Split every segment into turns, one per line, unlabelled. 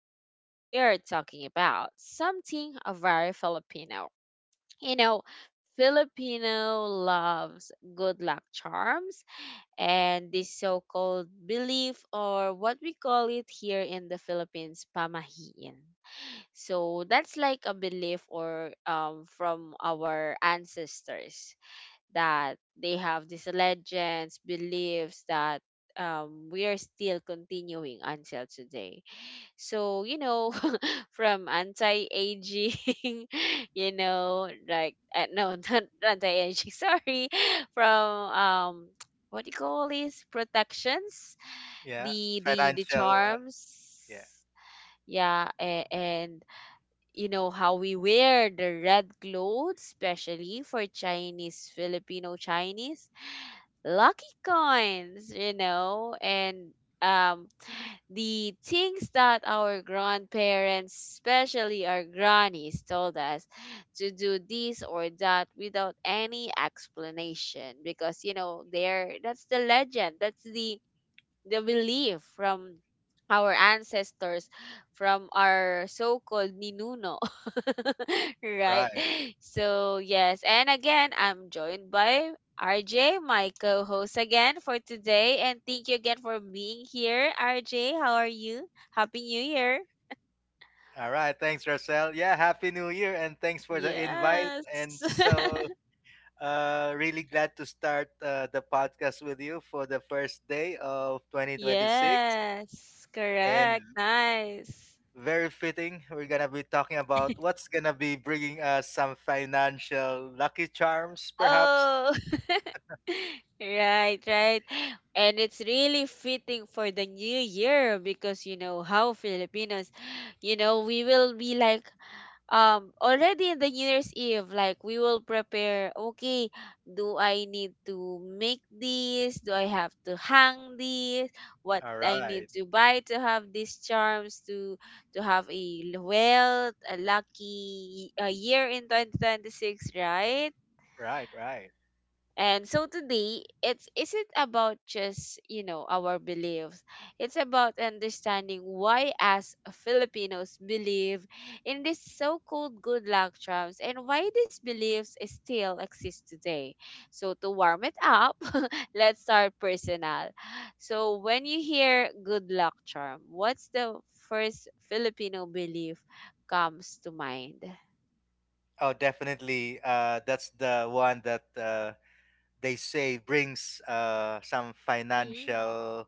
today we are talking about something very Filipino. You know, Filipino loves good luck charms and this so called belief, or what we call it here in the Philippines, pamahiin. So that's like a belief or from our ancestors that they have these legends, beliefs that we are still continuing until today. So, you know, from anti-aging, you know, like, no, not anti-aging, sorry, from, what do you call these protections?
Yeah,
The
financial. Yeah,
charms, yeah, and you know how we wear the red clothes, especially for Chinese, Filipino Chinese lucky coins, you know, and um the things that our grandparents, especially our grannies, told us to do this or that without any explanation because, you know, they're that's the legend, that's the belief from our ancestors, from our so-called ninuno, right?
right.
So yes, and again, I'm joined by RJ, my co-host again for today, and thank you again for being here, RJ. How are you? Happy New Year!
All right. Thanks, Rosel. Yeah, happy New Year, and thanks for the invite.
Yes,
And so, uh, really glad to start the podcast with you for the first day of 2026.
yes,
And
correct, nice.
very fitting, we're gonna be talking about what's gonna be bringing us some financial lucky charms, perhaps.
Oh. Right, right. And it's really fitting for the new year because you know how Filipinos, you know, we will be like, already in the New Year's Eve, like, we will prepare. Okay, do I need to make this? Do I have to hang this? What
All
I
right.
need to buy to have these charms to have wealth, a lucky, year in 2026, right?
Right. Right.
And so today, it's isn't about just, you know, our beliefs. It's about understanding why as Filipinos believe in this so-called good luck charms and why these beliefs still exist today. So to warm it up, let's start personal. So when you hear good luck charm, what's the first Filipino belief comes to mind?
Oh, definitely. That's the one that they say brings some
Mm-hmm.
financial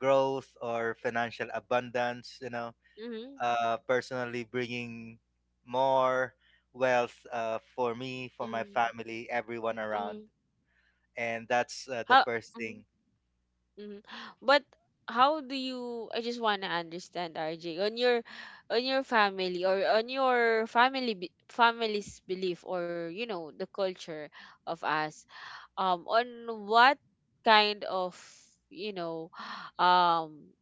growth or financial abundance, you know,
Mm-hmm.
personally bringing more wealth for me, for my family, everyone
Mm-hmm.
around. And that's the
How?
first thing.
Mhm. But how do you I just want to understand RJ on your family, or on your family's belief, or you know the culture of us, on what kind of, you know, um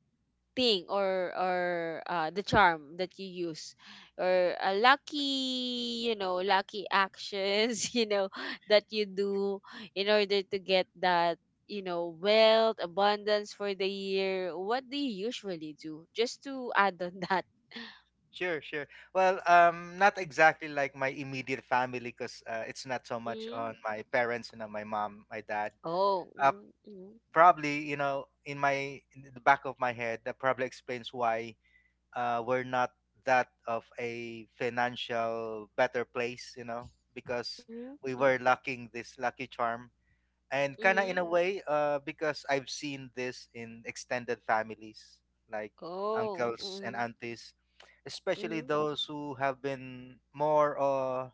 thing or the charm that you use, or a lucky, you know, lucky actions, you know, that you do in order to get that, you know, wealth abundance for the year. What do you usually do, just to add on, that?
Sure. Well, not exactly like my immediate family, because it's not so much on
Mm.
my parents, you know, my mom, my dad.
Oh.
uh,
Mm. Mm.
Probably, you know, in the back of my head, that probably explains why we're not that of a financial better place, you know, because
Mm.
we
Mm.
were lacking this lucky charm. And kind of
Mm.
in a way, because I've seen this in extended families, like
Oh.
uncles and
Mm.
aunties, especially
Mm.
those who have been more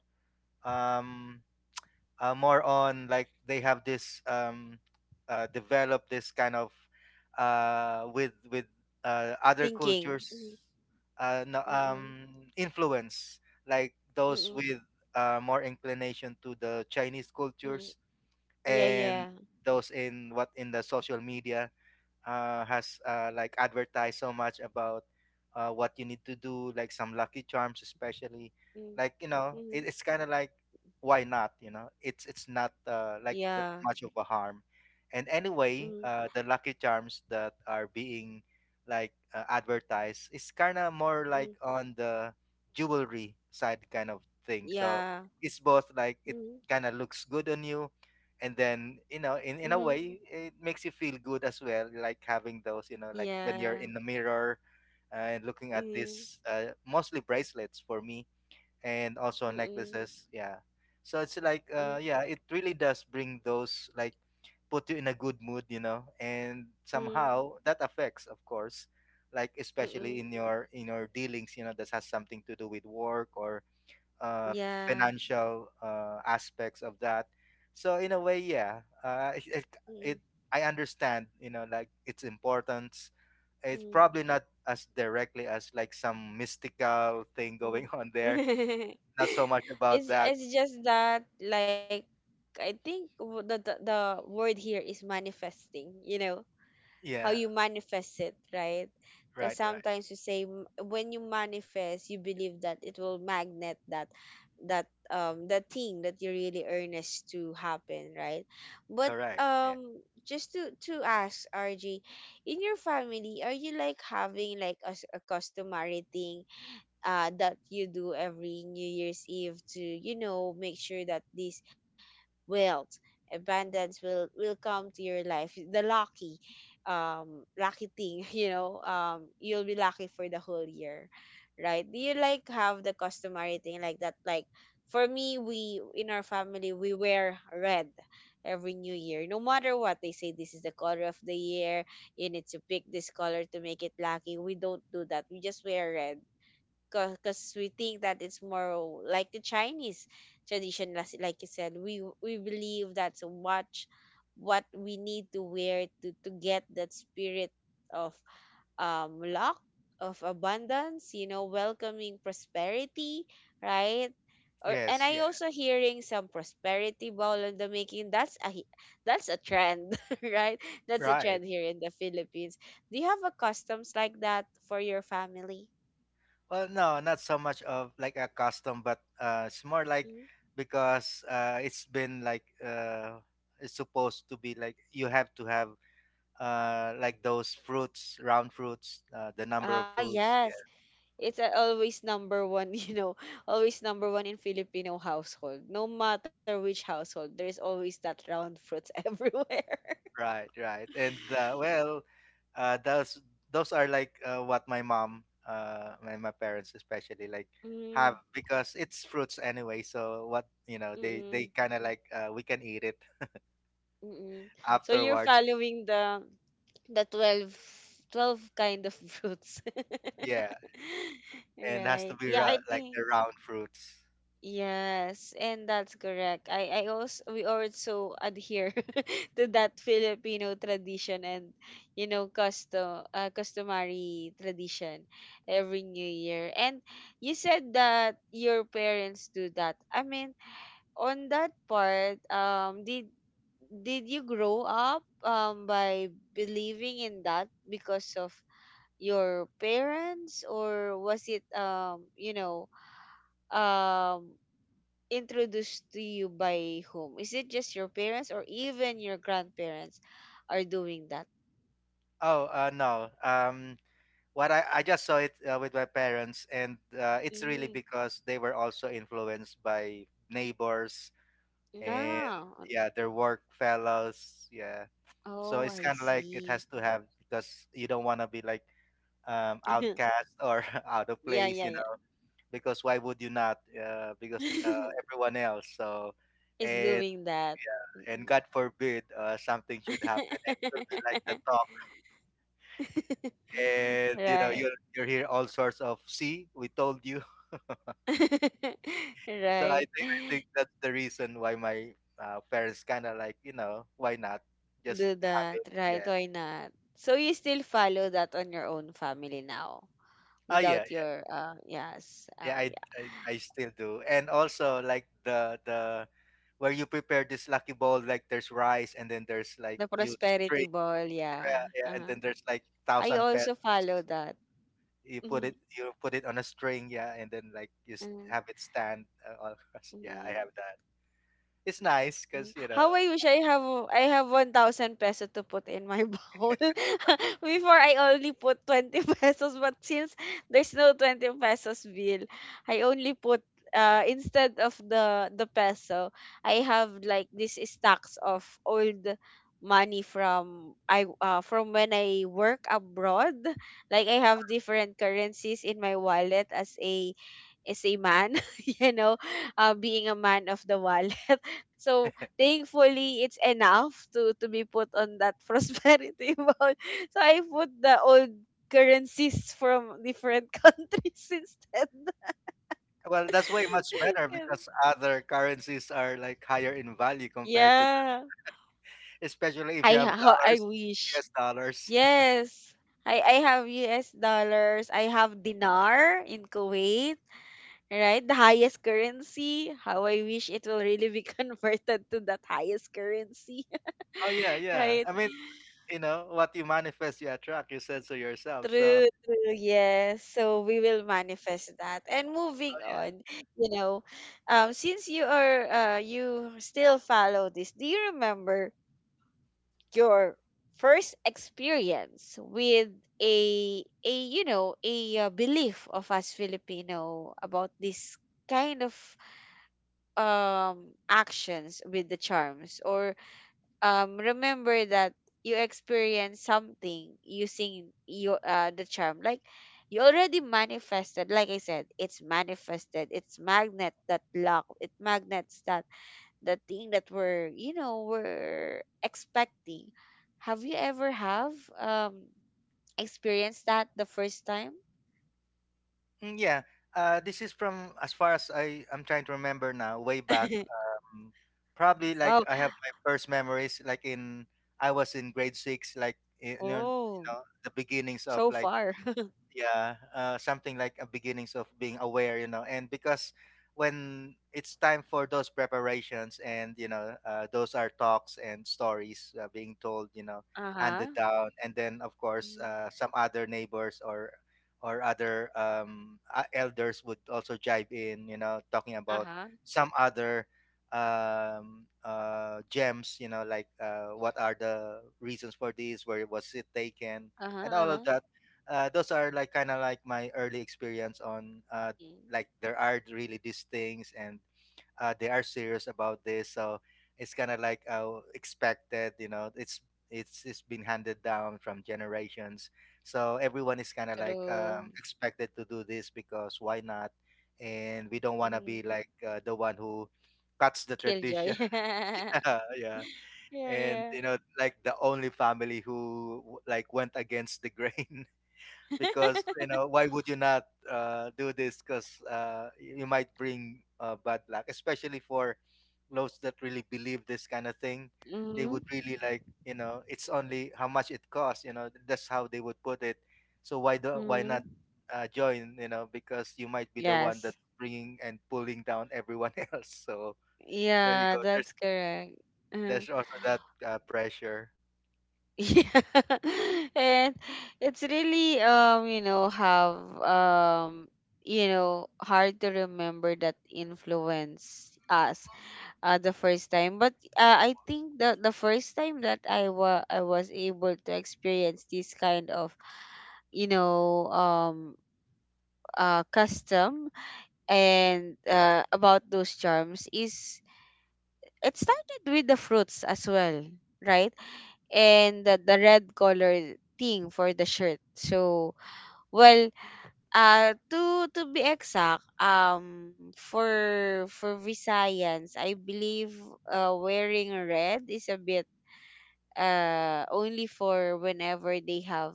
um, more on, like, they have this develop this kind of with other
Thinking. Mm.
cultures
Mm.
no,
Mm.
influence, like those
Mm.
with more inclination to the Chinese
Mm.
cultures.
Yeah, yeah.
And those in what in the social media has like advertised so much about what you need to do, like some Lucky Charms especially.
Mm.
Like, you know,
Mm.
it's kind of like, why not? You know, it's it's not like
Yeah.
the, much of a harm. And
Mm.
anyway, the Lucky Charms that are being like advertised is kind of more
Mm,
like on the jewelry side kind of thing.
yeah.
So it's both like it
Mhm.
kind of looks good on you, and then, you
Mhm.
know, in a way it makes you feel good as well, like having those, you know, like
Yeah.
when you're in the mirror and looking at
Mhm.
this, mostly bracelets for me, and also
Mhm.
necklaces, yeah. So it's like,
Mhm.
yeah, it really does bring those, like, put you in a good mood, you know, and
Mhm.
somehow that affects, of course, like
Mhm.
especially in your dealings, you know, that has something to do with work or uh,
Yeah.
financial aspects of that. So in a way, yeah, it, it
Mhm.
it- I understand. You know, like its importance. It's
Mhm.
probably not as directly as like some mystical thing
Mhm.
going on there. Not so much about
It's
that.
it's just that, like, I think, the word here is manifesting, you know. How
Yeah.
you manifest it, right? Because
Right. Right.
sometimes you say, when you manifest, you believe that it will magnet that the thing that you really earnest to happen, right? But,
Correct. Yeah.
just to ask RG, in your family, are you like having like a customary thing, that you do every New Year's Eve to, you know, make sure that this wealth, abundance will come to your life? The lucky, lucky thing, you know, you'll be lucky for the whole year, right? Do you like have the customary thing like that? Like, for me, we in our family we wear red every new year. No matter what they say, this is the color of the year, you need to pick this color to make it lucky. We don't do that, we just wear red, because we think that it's more like the Chinese tradition. Like you said, we believe that's what we need to wear to get that spirit of, luck, of abundance. You know, welcoming prosperity, right? Or and
Yes.
I
Yeah.
also hearing some prosperity ball in the making. That's a that's a trend, right? That's a
Right.
trend here in the Philippines. Do you have a customs like that for your family?
Well, no, not so much of like a custom, but it's more like, because it's been like, it's supposed to be like you have to have like those fruits, round fruits, the number of
Ah,
fruits,
yes.
yeah.
It's always number one, you know, always number one in Filipino household. No matter which household, there's always that round fruits everywhere.
Right, right, and well, uh those those are like, what my mom and my parents especially like have,
Mm,
because it's fruits anyway, so what, you know, they
mm-mm,
kind of like, we can eat it
mm-mm. So you're
afterwards.
following the 12 kind of fruits?
Yeah, and has to
Right.
be
Yeah,
ra-
I
like
think
the round fruits.
yes, and that's correct. I also we also adhere to that Filipino tradition and, you know, custom, customary tradition, every New Year. And you said that your parents do that. I mean, on that part, did you grow up by believing in that because of your parents, or was it, you know, um introduced to you by whom? Is it just your parents or even your grandparents are doing that?
Oh, no, what I just saw it with my parents, and it's really
Mm,
because they were also influenced by neighbors and,
no.
yeah, their work fellows. Yeah, so
Oh,
it's
I
kind of like it
see.
has to have, because you don't want to be like, outcast or out of
Yeah,
place, you
yeah,
know. Because why would you not? Because
yeah.
everyone else. So
Is
and
doing that.
and
Mm.
God forbid something should happen, and you'll be like the top, and you know
Right.
you'll hear all sorts of, see, we told you. So
Right.
I think that's the reason why my parents kind of like, you know, why not
Do
just have
that.
it.
Right.
Yeah.
Why not? So you still follow that on your own family now
Oh yeah.
without your yes.
Yeah. I,
Oh.
I I still do. And also like the where you prepare this lucky bowl, like there's rice and then there's like
The
you string.
prosperity ball,
Yeah.
yeah.
Yeah, and then there's
Uh-huh.
like thousand
I also
pesos.
follow that.
You put it, you
Mhm,
put it on a string. Yeah. And then like you s- have it
uh,
stand. All across. Yeah. I have that.
mhm.
It's nice
Mm.
because you know.
How I wish I have 1,000 peso to put in my bowl. Before I only put 20 pesos, but since there's no 20 pesos bill, I only put, instead of the peso, I have like this stacks of old money from I from when I work abroad. Like, I have different currencies in my wallet, as a is a man, you know, being a man of the wallet. So thankfully, it's enough to be put on that prosperity bond. So I put the old currencies from different countries instead.
Well, that's way much better because other currencies are like higher in value compared to,
Yeah,
especially if you have
I
dollars,
wish.
US dollars.
Yes. I have US dollars. I have dinar in Kuwait. Right? The highest currency. How I wish it will really be converted to that highest currency.
Oh yeah, yeah.
Right?
I mean, you know, what you manifest, you attract. You said so yourself. So
True, true, yes. So we will manifest that. And moving on, you know, since you still follow this, do you remember your first experience with a you know a belief of us Filipino about this kind of, actions with the charms, or remember that you experience something using your the charm, like you already manifested, like I said, it's manifested, it's magnet that lock, it magnets that the thing that we're, you know, we're expecting. Have you ever have um experienced that the first time?
yeah, this is from as far as I I'm trying to remember now, way back. Um, Probably like
Wow.
I have my first memories like in, I was in grade six, like eh, you
Oh.
know the beginnings of
So
like,
far.
yeah, something like a beginnings of being aware, you know, and because when it's time for those preparations, and you know those are talks and stories being told, you know, handed
Uh-huh.
down, and then of course
Mm.
some other neighbors or other elders would also jive in, you know, talking about
Uh-huh.
some other gems, you know, like what are the reasons for this, where was it taken,
Uh-huh,
and all of
uh-huh.
that. Those are like kind of like my early experience on,
Mm.
like there are really these things, and they are serious about this. So it's kind of like expected, you know, it's been handed down from generations. So everyone is kind of like
True.
expected to do this, because why not, and we don't want to be
Mm.
like the one who cuts the tradition.
Killjoy.
Yeah, yeah,
Yeah,
and
yeah.
you know like the only family who w- like went against the grain, because you know why would you not do this, because y- you might bring bad luck, especially for those that really believe this kind of thing. They
Mm-hmm.
would really like, you know, it's only how much it costs, you know, that's how they would put it. So why do, why
Mm-hmm.
not join, you know, because you might be the one that's
Yes.
bringing and pulling down everyone else. So there you
Yeah,
go,
that's correct. Uh-huh.
there's also that pressure.
Yeah. And it's really, um, hard to remember that influence us, the first time. But, I think the first time that I was able to experience this kind of, you know, custom, and, about those charms, is it started with the fruits as well, right? And the red color thing for the shirt. So, well, to be exact, for Visayans, I believe, wearing red is a bit, only for whenever they have,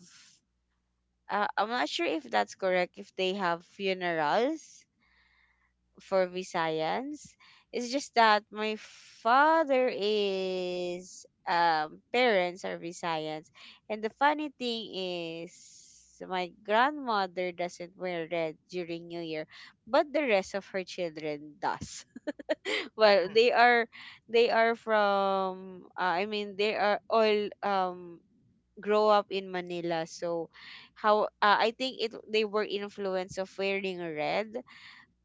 I'm not sure if that's correct, if they have funerals for Visayans. It's just that my father is parents are Visayans, and the funny thing is, my grandmother doesn't wear red during New Year, but the rest of her children does. Well,
Mm,
they are from, I mean, they are all grow up in Manila. So how, I think it they were influenced of wearing red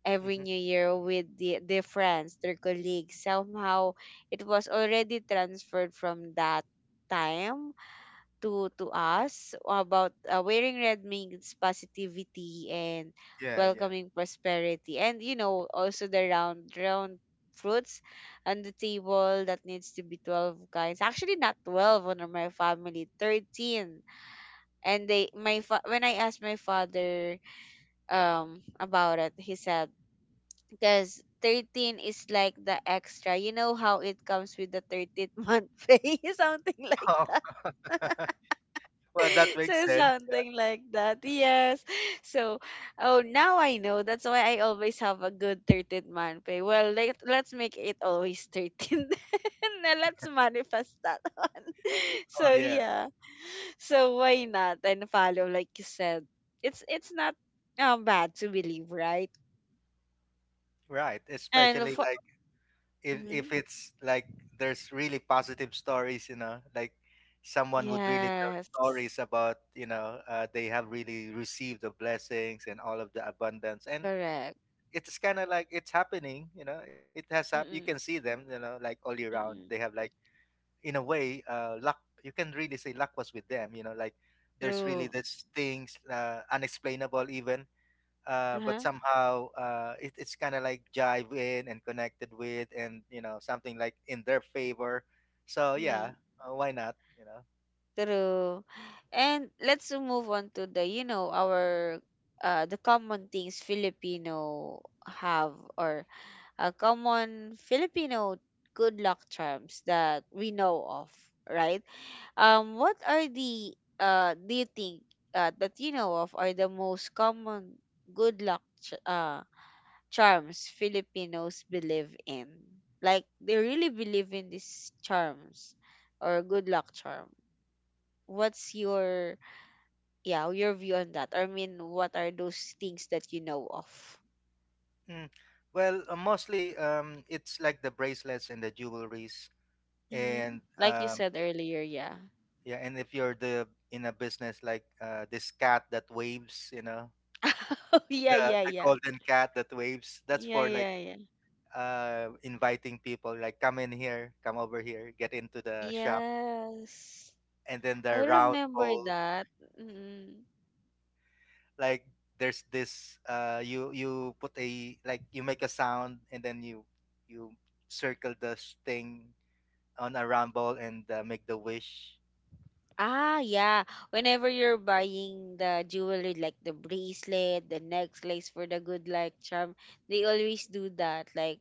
every
mm-hmm.
new year with their friends, their colleagues. Somehow, it was already transferred from that time to us, about, wearing red means positivity and
Yeah, yeah.
welcoming prosperity, and, you know, also the round fruits on the table, that needs to be 12 kinds. Actually, not 12 on my family, 13. And they my fa- When I asked my father about it, he said because 13 is like the extra, you know, how it comes with the 13th month pay, something like
Oh.
that.
Well, that
So
makes sense.
something like that, yes. So, oh, now I know that's why I always have a good 13th month pay. Well, let's make it always 13. Then let's manifest that one.
Oh
So
yeah.
yeah. So, why not, and follow, like you said, it's not bad to believe, right?
Right,
And
especially
for,
like,
mm,
if it's like there's really positive stories, you know, like someone would really tell
yes,
stories about, you know, they have really received the blessings and all of the abundance, and
correct.
it's kind of like it's happening, you know, it has happened. You can
Mm-mm,
see them, you know, like all year round. They
mm-mm.
have like, in a way, luck. You can really say luck was with them, you know, like there's really
True.
this things unexplainable even, but
Uh-huh.
somehow it's kind of like jive in and connected with, and you know something like in their favor. So yeah,
Mm.
why not, you know.
True. And let's move on to, the you know, our, the common things Filipino have, or a common Filipino good luck charms that we know of, right? What are the, do you think, that you know of, are the most common good luck charms Filipinos believe in? Like, they really believe in these charms or good luck charm. What's your yeah, your view on that? I mean, what are those things that you know of?
mm. Well, mostly, it's like the bracelets and the jewelries,
Hmm.
and
Like you said earlier, yeah.
yeah, and if you're the in a business, like this cat that waves, you know,
Oh yeah, yeah,
the
yeah.
golden cat that waves, that's
Yeah,
for like
yeah, yeah.
inviting people, like come in here, come over here, get into the shop.
Yes.
And then the
I
round
remember
bowl,
that. Mm-mm.
like there's this you you put a, like you make a sound, and then you circle the s- thing on a rumble, and make the wish.
Ah, yeah. Whenever you're buying the jewelry, like the bracelet, the necklace for the good luck charm, they always do that. Like,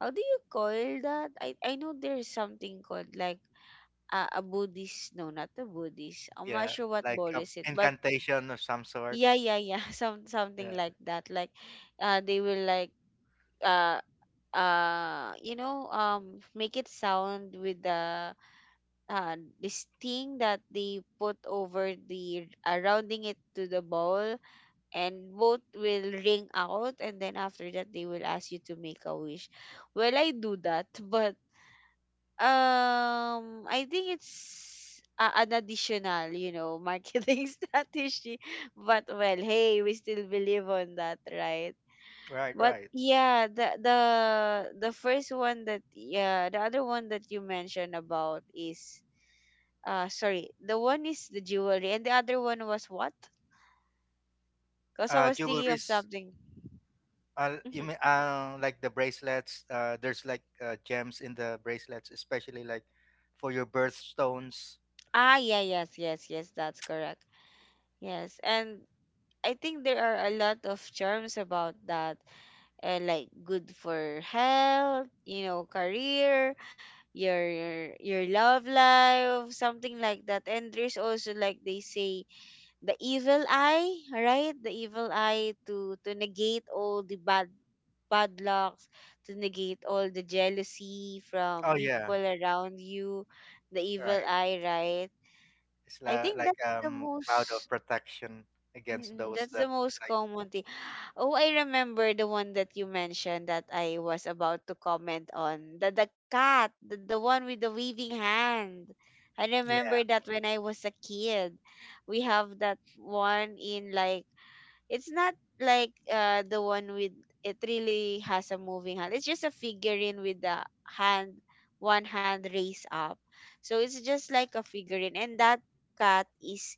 how do you call that? I know there's something called like a Buddhist. No, not a Buddhist. I'm not
Yeah,
sure what
like
ball
a
is it, but
incantation of some sort.
yeah, yeah, yeah. Some something
Yeah,
like that. Like, they will like uh make it sound with the this thing that they put over the rounding it to the bowl, and both will ring out, and then after that they will ask you to make a wish. Well, I do that, but I think it's an additional, you know, marketing strategy. But well, hey, we still believe on that, right?
right,
But
right.
yeah, the the first one that, yeah, the other one that you mentioned about is sorry. The one is the jewelry, and the other one was what? Because I was thinking of
Jewelries,
something.
you
Mhm.
mean like the bracelets, there's like, gems in the bracelets, especially like for your birthstones.
Ah, yeah, yes, yes, yes, that's correct. Yes, and I think there are a lot of charms about that, like good for health, you know, career, your love life, something like that. And there's also like they say the evil eye, right? The evil eye to negate all the bad bad lucks, to negate all the jealousy
Oh
from people
yeah,
around you, the evil
right.
eye, right?
It's
I
la-
think
like,
that's the
cloud of
most,
protection against
mm,
those
that's
that,
the most
like,
common thing. Oh, I remember the one that you mentioned that I was about to comment on. The cat, the one with the waving hand. I remember
yeah,
that when I was a kid. We have that one in like, it's not like the one with, it really has a moving hand. It's just a figurine with the hand, one hand raised up. So it's just like a figurine, and that cat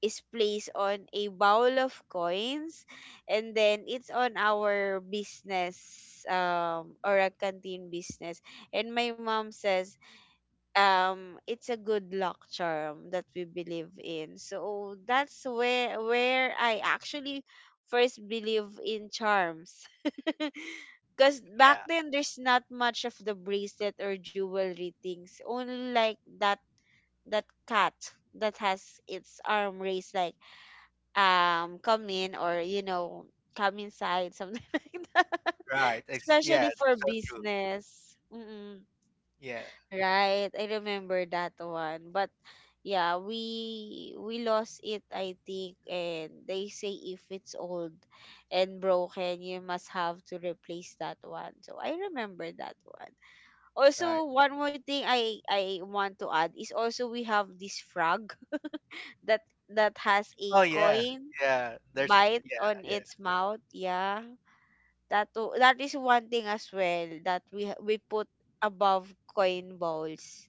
is placed on a bowl of coins, and then it's on our business, or a canteen business, and my mom says it's a good luck charm that we believe in. So that's where I actually first believe in charms. Because back
yeah,
then there's not much of the bracelet or jewelry things, only like that, that cat that has its arm raised like, come in, or you know, come inside, something like that,
right. Ex yeah,
especially for
so true.
business.
Yeah,
Right, I remember that one. But yeah, we lost it, I think, and they say if it's old and broken, you must have to replace that one. So I remember that one.
right.
Also, one more thing I want to add is, also we have this frog that that has a
Oh yeah,
coin
yeah. There's
bite
yeah,
on
yeah,
its mouth. Yeah. That to, that is one thing as well that we we put above coin bowls.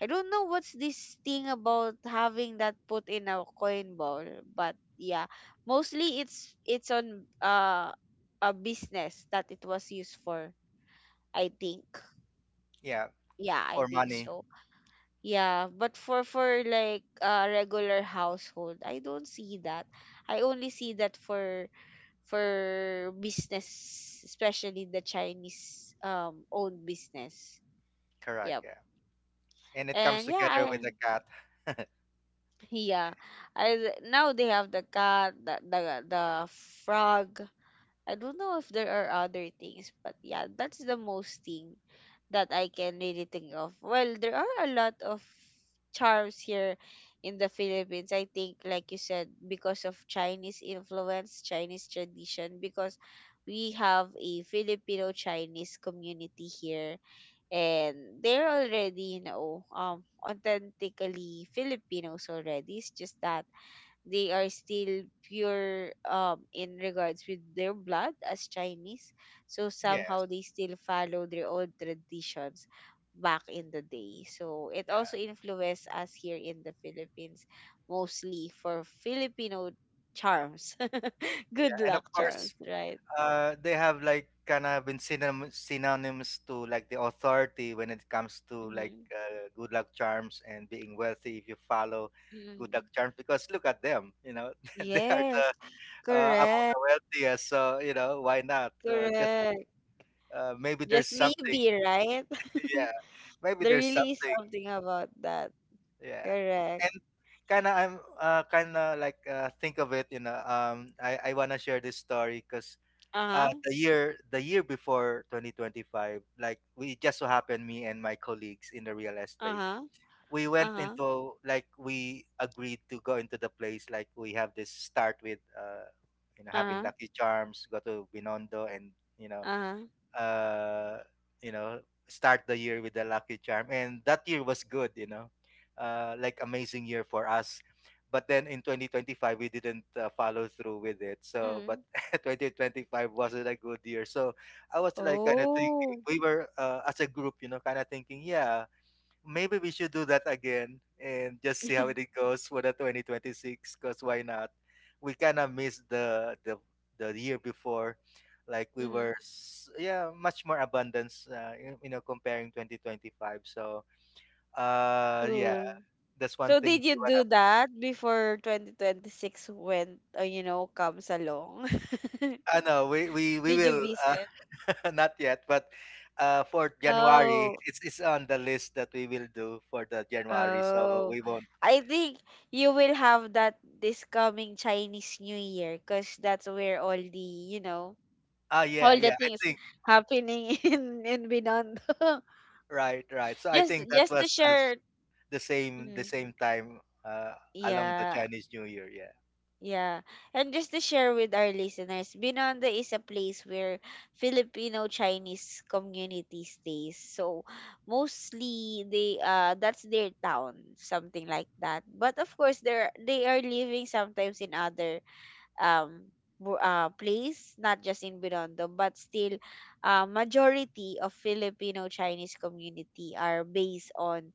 I don't know what's this thing about having that put in a coin ball, but yeah, mostly it's on a business that it was used for. I think.
yeah.
Yeah, I
For
think
money,
so. Yeah, but for like a regular household, I don't see that. I only see that for business, especially the Chinese owned business.
correct.
Yep.
Yeah, and it comes
And yeah,
together with
I.
the cat.
Yeah, I. Now they have the cat, the the frog. I don't know if there are other things, but yeah, that's the most thing that I can really think of. Well, there are a lot of charms here in the Philippines. I think, like you said, because of Chinese influence, Chinese tradition, because we have a Filipino Chinese community here, and they're already, you know, authentically Filipinos already. It's just that they are still pure in regards with their blood as Chinese, so
Yes,
somehow they still follow their old traditions back in the day, so it also
yeah,
influenced us here in the Philippines, mostly for Filipino charms, good
yeah. And of
luck
course,
charms, right?
they have like kind of been synonyms to like the authority when it comes to like
Mhm.
good luck charms and being wealthy if you follow good luck
Mhm.
charms. Because look at them, you know, they are the,
Yes.
among
Correct.
the wealthiest. So you know, why not, uh, just
Correct.
uh, maybe there's
Just
something.
maybe, right?
Yeah, maybe
There
there's
really is
something.
something about that.
Yeah,
Correct.
and kind of, I'm kind of like, think of it, you know, I want to share this story because
Uh-huh.
the year before 2025, like we just so happened, me and my colleagues in the real estate,
Uh-huh.
we went
Uh-huh.
into, like we agreed to go into the place, like we have this, start with you know, having
Uh-huh.
lucky charms, go to Binondo, and you know,
Uh-huh.
uh, you know, start the year with the Lucky Charm, and that year was good. You know, like amazing year for us. But then in 2025, we didn't follow through with it. So,
Mm.
but 2025 wasn't a good year. So, I was like kind of thinking
Oh.
we were as a group, you know, kind of thinking, yeah, maybe we should do that again and just see how it goes for the 2026. Cause why not? We kind of missed the the year before, like
Mm.
yeah, much more abundance. You, comparing 2025. So yeah,
True.
that's one
So
thing
did
we
you do
wanna.
that before 2026 went, you know, comes along?
I know we
Did you
will
visit?
not yet, but for January
Oh,
it's on the list that we will do for the January. So
oh.
we won't.
I think you will have that this coming Chinese New Year, because that's where all the, you know,
Ah yeah
all the
yeah I
things
think.
happening in Binondo.
Right, right. So I
just
think that
just to
was a
share.
the same the
Mhm.
same time uh, along the
Yeah,
Chinese New Year. Yeah,
yeah, and just to share with our listeners, Binondo is a place where Filipino Chinese community stays. So mostly they that's their town, something like that, but of course, they're they are living sometimes in other um place, not just in Binondo, but still, majority of Filipino Chinese community are based on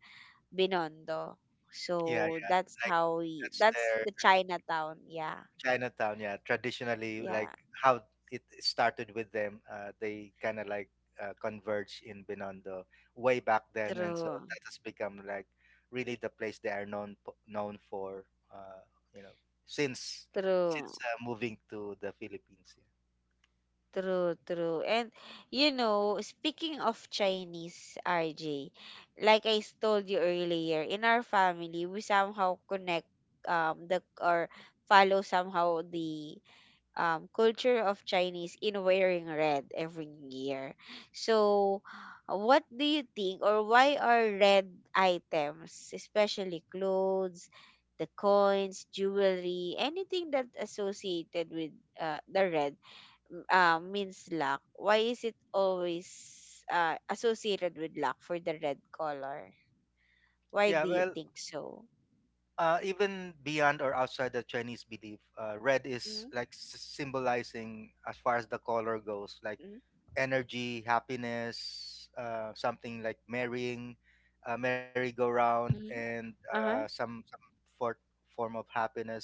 Binondo. So
yeah, yeah.
that's
Like
how we.
that's
That's
their
the Chinatown. Yeah,
Chinatown. Yeah, traditionally,
yeah.
like how it started with them. They kind of like converge in Binondo way back then, and so
True,
that has become like really the place they are known for. Uh, you know, since
true,
since moving to the Philippines. Yeah.
true, true. And you know, speaking of Chinese, RJ, like I told you earlier, in our family, we somehow connect the or follow somehow the culture of Chinese in wearing red every year. So, what do you think, or why are red items, especially clothes, the coins, jewelry, anything that associated with the red means luck? Why is it always associated with luck for the red color? Why
Yeah,
do you
well,
think so?
even beyond or outside the Chinese belief, red is
Mm-hmm.
like symbolizing, as far as the color goes, like energy, happiness, something like marrying, merry-go-round,
Mm-hmm.
and
Uh huh.
some for, form of happiness.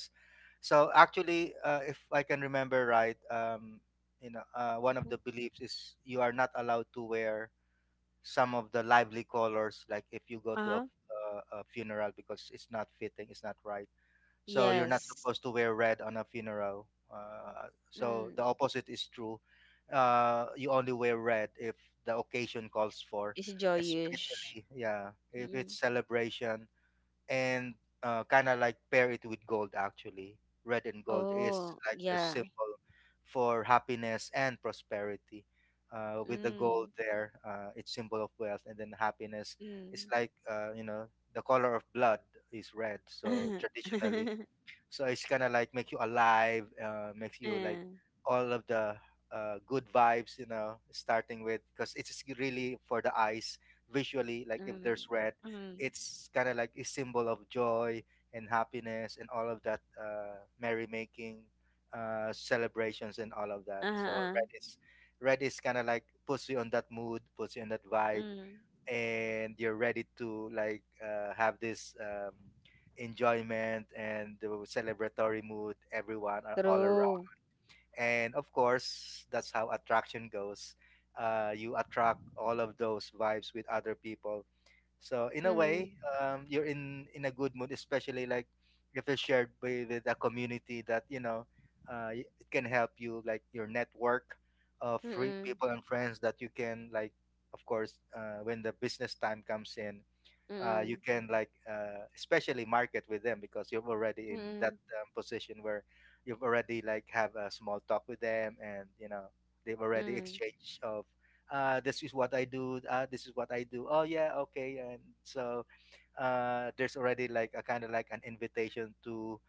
So actually, if I can remember right, one of the beliefs is you are not allowed to wear some of the lively colors, like if you go
Uh
to
huh.
a funeral because it's not fitting, it's not right, so you're not
Yes.
supposed to wear red on a funeral. So the
Mm.
opposite is true. You only wear red if the occasion calls for,
It's it Joyush?
especially yeah, if
Mm.
it's celebration and kind of like pair it with gold actually. Red and gold is
Oh,
like the
yeah.
symbol for happiness and prosperity. With the gold
Mm.
there, it's symbol of wealth, and then happiness is
Mm.
like you know, the color of blood is red. So
mm.
traditionally, so it's kind of like make you alive, makes you like
Mm.
all of the good vibes, you know, starting with because it's really for the eyes visually, like if there's red,
Mm.
it's kind of like a symbol of joy and happiness and all of that, merrymaking, celebrations and all of that. So
Uh-huh.
red is kind of like puts you on that mood, puts you on that vibe,
Mm.
and you're ready to like have this enjoyment and the celebratory mood everyone are all around.
True.
And of course that's how attraction goes. You attract all of those vibes with other people. So in a way,
Mm.
you're in a good mood, especially like if it's shared by with a community that you know. It can help you, like your network of free
Mm-mm.
people and friends that you can like. Of course, when the business time comes in, you
Mm-mm.
can like especially market with them because you've already in that position where you've already like have a small talk with them, and you know they've already
Mm-mm.
exchanged of this is what I do, this is what I do, oh yeah, okay. And so there's already like a kind of like an invitation to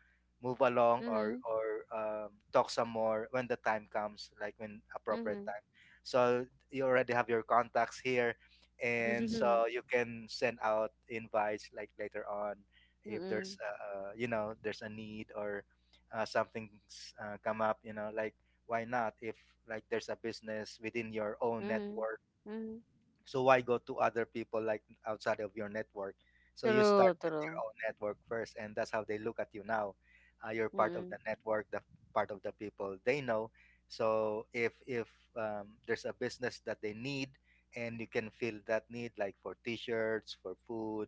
move along or
Mm.
talk some more when the time comes, like when
Mm.
appropriate
Mm.
time. So you already have your contacts here, and so you can send out invites like later on if there's
Mm.
you know, there's a need or something's come up, you know, like why not if like there's a business within your own
Mm.
network.
Mm. Mm.
So why go to other people like outside of your network? So you start
True,
with your
true.
own network first, and that's how they look at you now. You're part of the
Mm.
network, the part of the people they know. So if there's a business that they need, and you can fill that need, like for T-shirts, for food,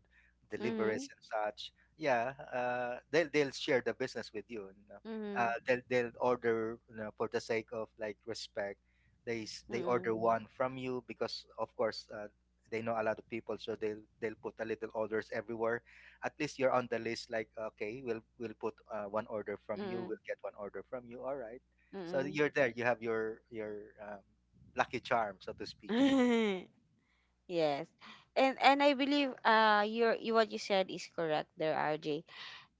Mm.
deliveries and such, yeah, they'll share the business with you. You know.
Mm.
They'll order, you know, for the sake of like respect, they
Mm.
order one from you because of course they know a lot of people, so they'll put a little orders everywhere. At least you're on the list, like okay, we'll put one order from you,
Mm.
we'll get one order from you, all right. So
Mm.
you're there, you have your lucky charm, so to
Mm.
speak.
Yes. And I believe your, you what you said is correct there, RJ.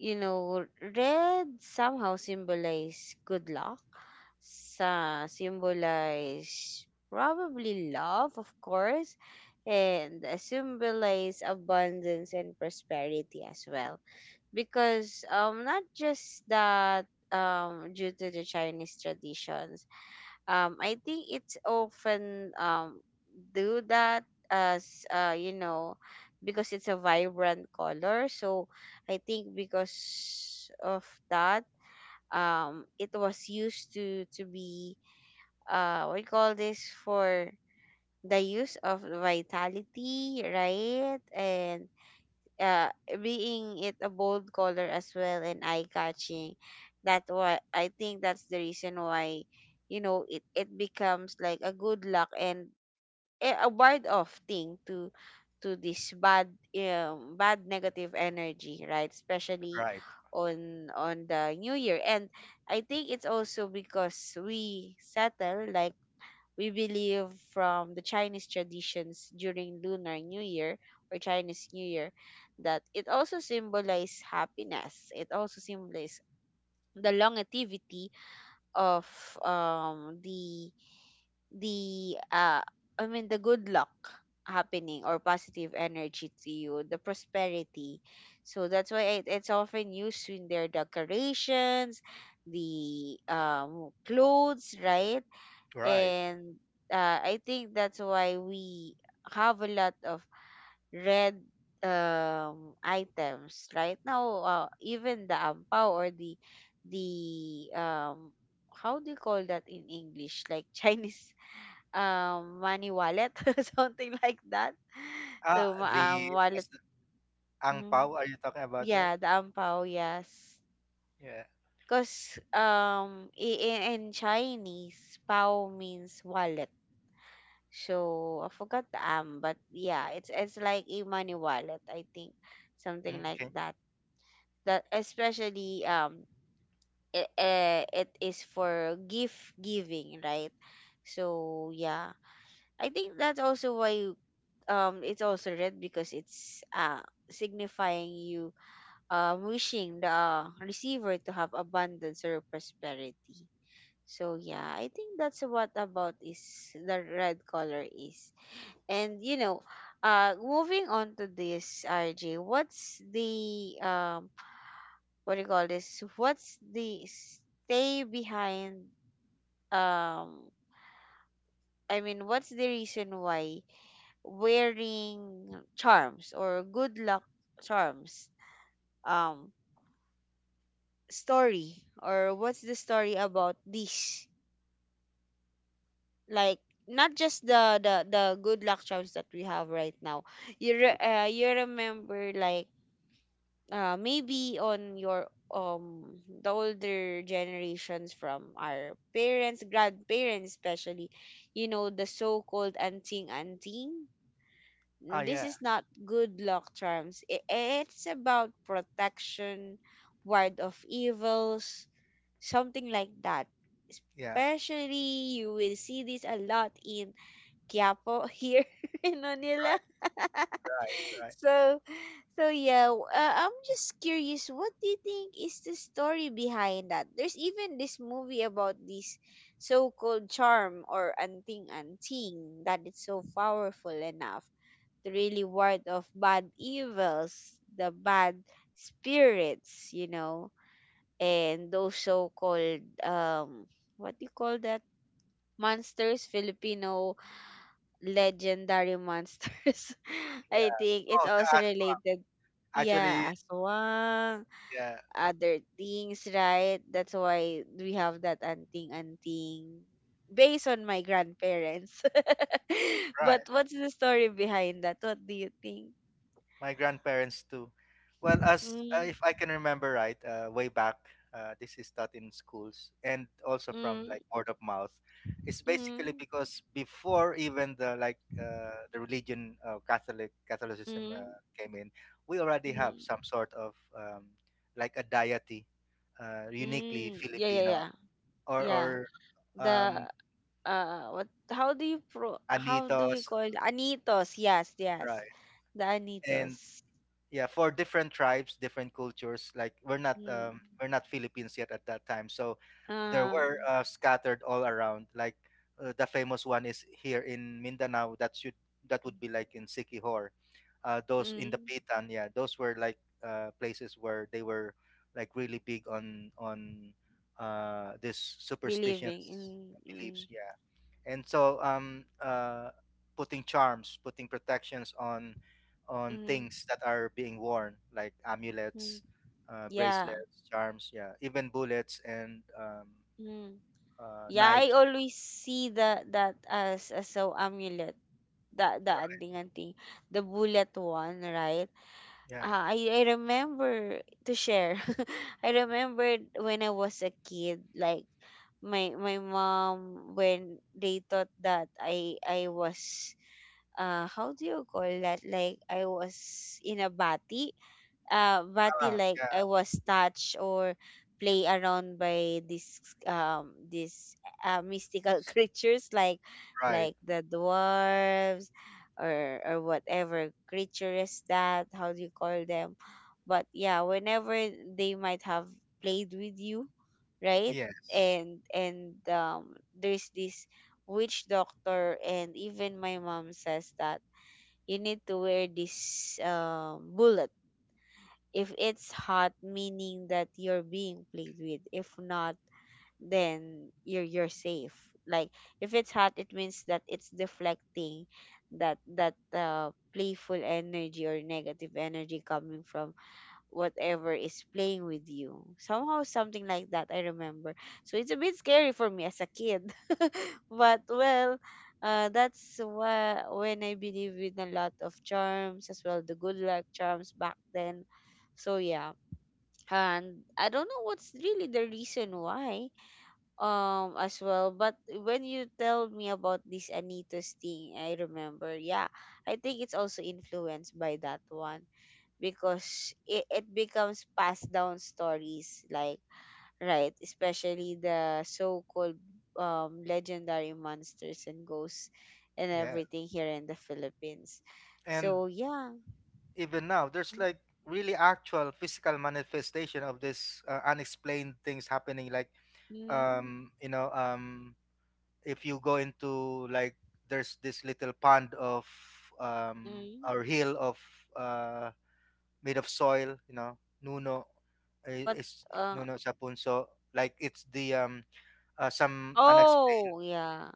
You know, red somehow symbolize good luck. Sa symbolize probably love, of course, and symbolize abundance and prosperity as well. Because not just that, due to the Chinese traditions, I think it's often do that as, uh, you know, because it's a vibrant color. So I think because of that, it was used to be, we call this for the use of vitality, right? And uh being it a bold color as well, and eye catching, that why I think that's the reason why, you know, it becomes like a good luck and a ward off thing to this bad bad negative energy, right? Especially
Right,
on the new year. And I think it's also because we settle like, we believe from the Chinese traditions during Lunar New Year or Chinese New Year that it also symbolizes happiness. It also symbolizes the longevity of the the uh, I mean the good luck happening or positive energy to you, the prosperity. So that's why it, it's often used in their decorations, the clothes, right?
right.
And I think that's why we have a lot of red items right now, even the ampao or the the um how do you call that in English, like Chinese money wallet, something like that.
ah
So
the as
wallet.
the- Ang
Mm,
pao, are you talking about that?
yeah, the ampao, yes.
Yeah.
Because in Chinese, pao means wallet. So I forgot the but yeah, it's like a money wallet, I think, something
Mm,
like
okay.
that. That especially, it, it is for gift giving, right? So yeah, I think that's also why, it's also red, because it's signifying you wishing the receiver to have abundance or prosperity. So yeah, I think that's what about is the red color is. And you know, moving on to this, RJ, what's the what do you call this? What's the stay behind? Um, I mean, what's the reason why wearing charms or good luck charms? Um, story, or what's the story about this? Like not just the good luck charms that we have right now. You you remember like maybe on your the older generations from our parents, grandparents, especially, you know, the so-called anting anting.
Ah,
This
yeah
is not good luck charms. I- it's about protection, ward of evils, something like that,
yeah.
especially you will see this a lot in Quiapo here in Manila.
Right, right, right.
So, so yeah, I'm just curious. What do you think is the story behind that? There's even this movie about this so-called charm or anting anting that it's so powerful enough to really ward off bad evils, the bad spirits, you know, and those so-called what do you call that? Monsters, Filipino legendary monsters. I
Yeah.
think it's
Oh, the
also
aswang
related.
actually.
Yeah, aswang,
Yeah,
other things, right? That's why we have that anting anting based on my grandparents.
right.
But what's the story behind that? What do you think?
My grandparents too. Well, as
Mm,
if I can remember right, way back, this is taught in schools and also from
mm,
like word of mouth. It's
mm,
basically because before even the religion, Catholicism
mm,
came in, we already have
mm,
some sort of like a deity, uniquely
mm. Yeah, yeah,
Filipino
yeah.
or
Yeah.
um,
The what how do you pro How do
Anitos,
we call it? Anitos? Yes, yes.
right?
The
And
anitos.
yeah, for different tribes, different cultures, like
Mm.
we're not Philippines yet at that time. So there
uh
were scattered all around, like the famous one is here in Mindanao that should that would be like in Sikihor, those in the
mm.
Pitan, yeah, those were like places where they were like really big on this
Believing.
superstitions
Mm, mm,
beliefs, yeah. And so putting charms, putting protections on
mm,
things that are being worn like
mm.
amulets,
Yeah.
bracelets, charms, yeah, even bullets and
Mm. Yeah, I
knives,
always see the that as a amulet, the anting anting, the bullet one, right?
yeah.
Ah, I remember to share. I remembered when I was a kid, like my mom, when they thought that I was, how do you call that? Like I was in a bati. Bati,
Ah,
like I was touched or play around by this mystical
yes,
creatures,
right,
like the dwarves, or whatever creature is that, how do you call them? But yeah, whenever they might have played with you, right?
yes,
And there's this witch doctor, and even my mom says that you need to wear this bullet, if it's hot, meaning that you're being played with. If not, then you're safe, like, if it's hot, it means that it's deflecting that playful energy or negative energy coming from whatever is playing with you. Somehow something like that I remember. So it's a bit scary for me as a kid. But well, that's why when I believe in a lot of charms as well, the good luck charms back then. So yeah, and I don't know what's really the reason why, as well, but when you tell me about this Anitos thing, I remember. Yeah, I think it's also influenced by that one, because it becomes passed down stories, like, right? Especially the so-called, legendary monsters and ghosts and
yeah.
everything here in the Philippines.
And
So yeah.
even now there's like really actual physical manifestation of this unexplained things happening, like
Mm.
you know, if you go into like there's this little pond of
Mm.
or hill of uh made of soil, you know.
Yeah.
Nuno I-
What?
is
uh
Nuno sapunso like it's the some unexplained
oh, yeah.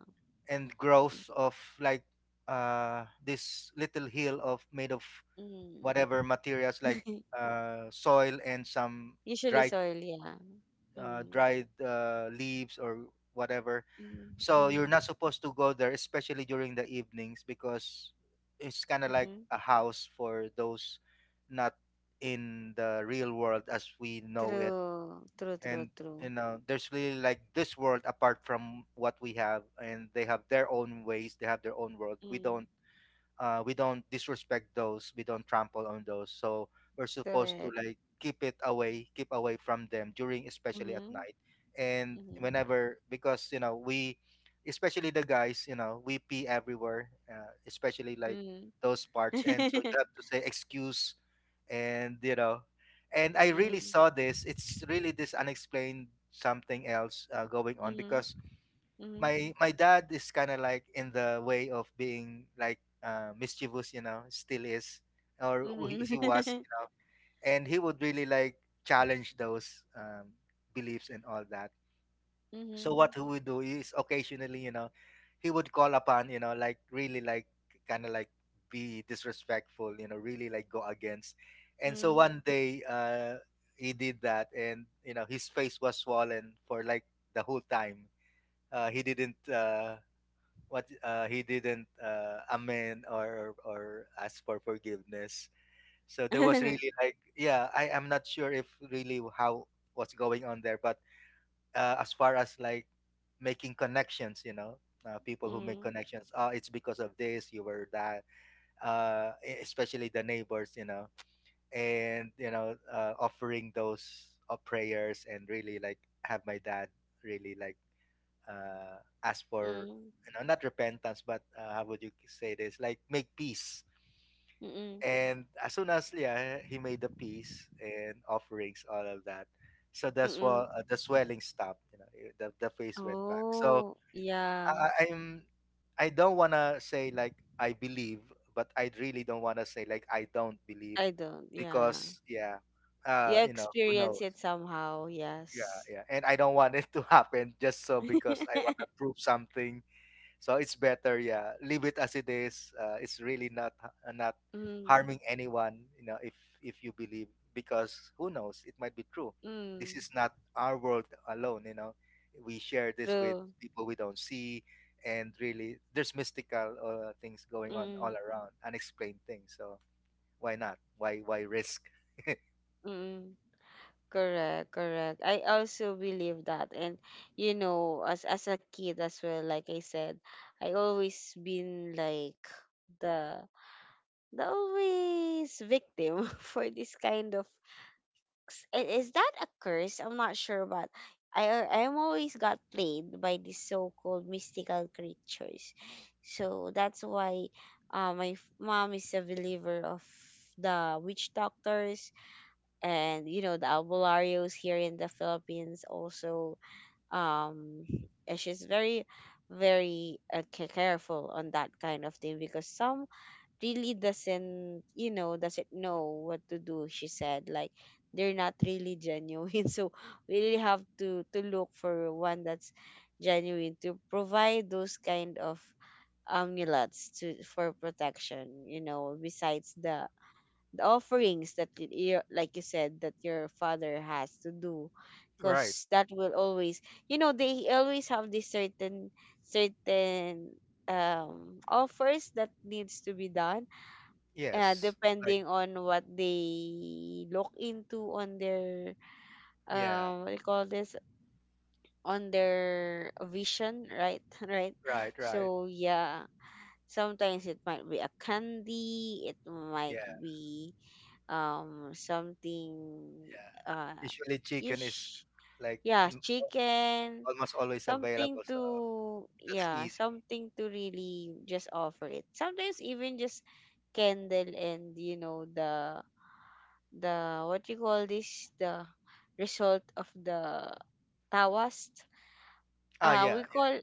and growth of like this little hill of made of
Mm.
whatever materials like soil and some
Usually
dried
soil, yeah. Mm.
leaves or whatever.
Mm.
So you're
Mm.
not supposed to go there, especially during the evenings, because it's kind of like
Mm-hmm.
a house for those not in the real world as we know it.
True, true, true,
And
true.
you know, there's really like this world apart from what we have, and they have their own ways, they have their own world. We
Mm.
don't, we don't disrespect those, we don't trample on those. So we're supposed to
Correct.
like keep it away, keep away from them during, especially at
Mm-hmm.
night. And
Mm-hmm.
whenever, because you know, we, especially the guys, you know, we pee everywhere, especially like
Mm.
those parts, and so you have to say excuse. And you know, and I really
Mm.
saw this, it's really this unexplained something else going on.
Mhm.
Because
Mhm.
my dad is kind of like in the way of being like mischievous, you know, still is,
Mhm.
he was, you know, and he would really like challenge those beliefs and all that. So what
Mhm.
he would do is occasionally, you know, he would call upon, you know, like really like kind of like be disrespectful, you know, really like go against. And so
Mm.
one day he did that, and you know, his face was swollen for like the whole time. He didn't what he didn't amend or ask for forgiveness. So there was really like, yeah, I am not sure if really how what's going on there, but as far as like making connections, you know, people who make
Mm.
connections, oh, it's because of this, you were that, especially the neighbors, you know, and you know, offering those prayers and really like have my dad really like uh, ask for,
Mm.
you know, not repentance but, how would you say this, like make peace.
Mm-mm.
And as soon as, yeah, he made the peace and offerings, all of that. So that's
Mm-mm.
what, the swelling stopped, you know, the face went back. So
Oh,
I,
yeah.
I- i'm I don't want to say like I believe, but I really don't want to say like I don't believe,
I don't. Yeah.
because, yeah,
You
you know, who
experience
knows.
it somehow.
Yeah,
Yes.
yeah, and I don't want it to happen just so because I want to prove something. So it's better, yeah, leave it as it is. It's really not not
Mm.
harming anyone, you know. If you believe, because who knows, it might be true. This
Mm.
is not our world alone, you know, we share this with
True.
people we don't see. And really there's mystical things going on all
Mm.
around, unexplained things. So why not, why risk?
Mm. Correct, correct. I also believe that. And you know, as a kid as well, like I said, I always been like the the always victim for this kind of, is that a curse? I'm not sure, but I'm always got played by these so-called mystical creatures. So that's why, mom is a believer of the witch doctors, and you know the albularyo's here in the Philippines also, um she's very careful on that kind of thing, because some really doesn't know what to do, she said, like they're not really genuine. So we really have to look for one that's genuine to provide those kind of amulets to for protection, you know, besides the offerings that, your, like you said, that your father has to do,
Right.
because that will always, you know, they always have this certain offers that needs to be done,
Yes, like,
depending on what they look into on their,
yeah,
what do you call this, on their vision, right? Right.
right, right.
So yeah, sometimes it might be a candy, it might
Yeah,
be, something.
yeah,
uh
usually chicken is
Ish.
like
Yeah,
m-
chicken.
almost always
Something
available, so
to,
that's
yeah,
easy.
something to really just offer it, sometimes even just candle. And you know, the what you call this, the result of the tawas.
Ah, yeah,
We
yeah,
call,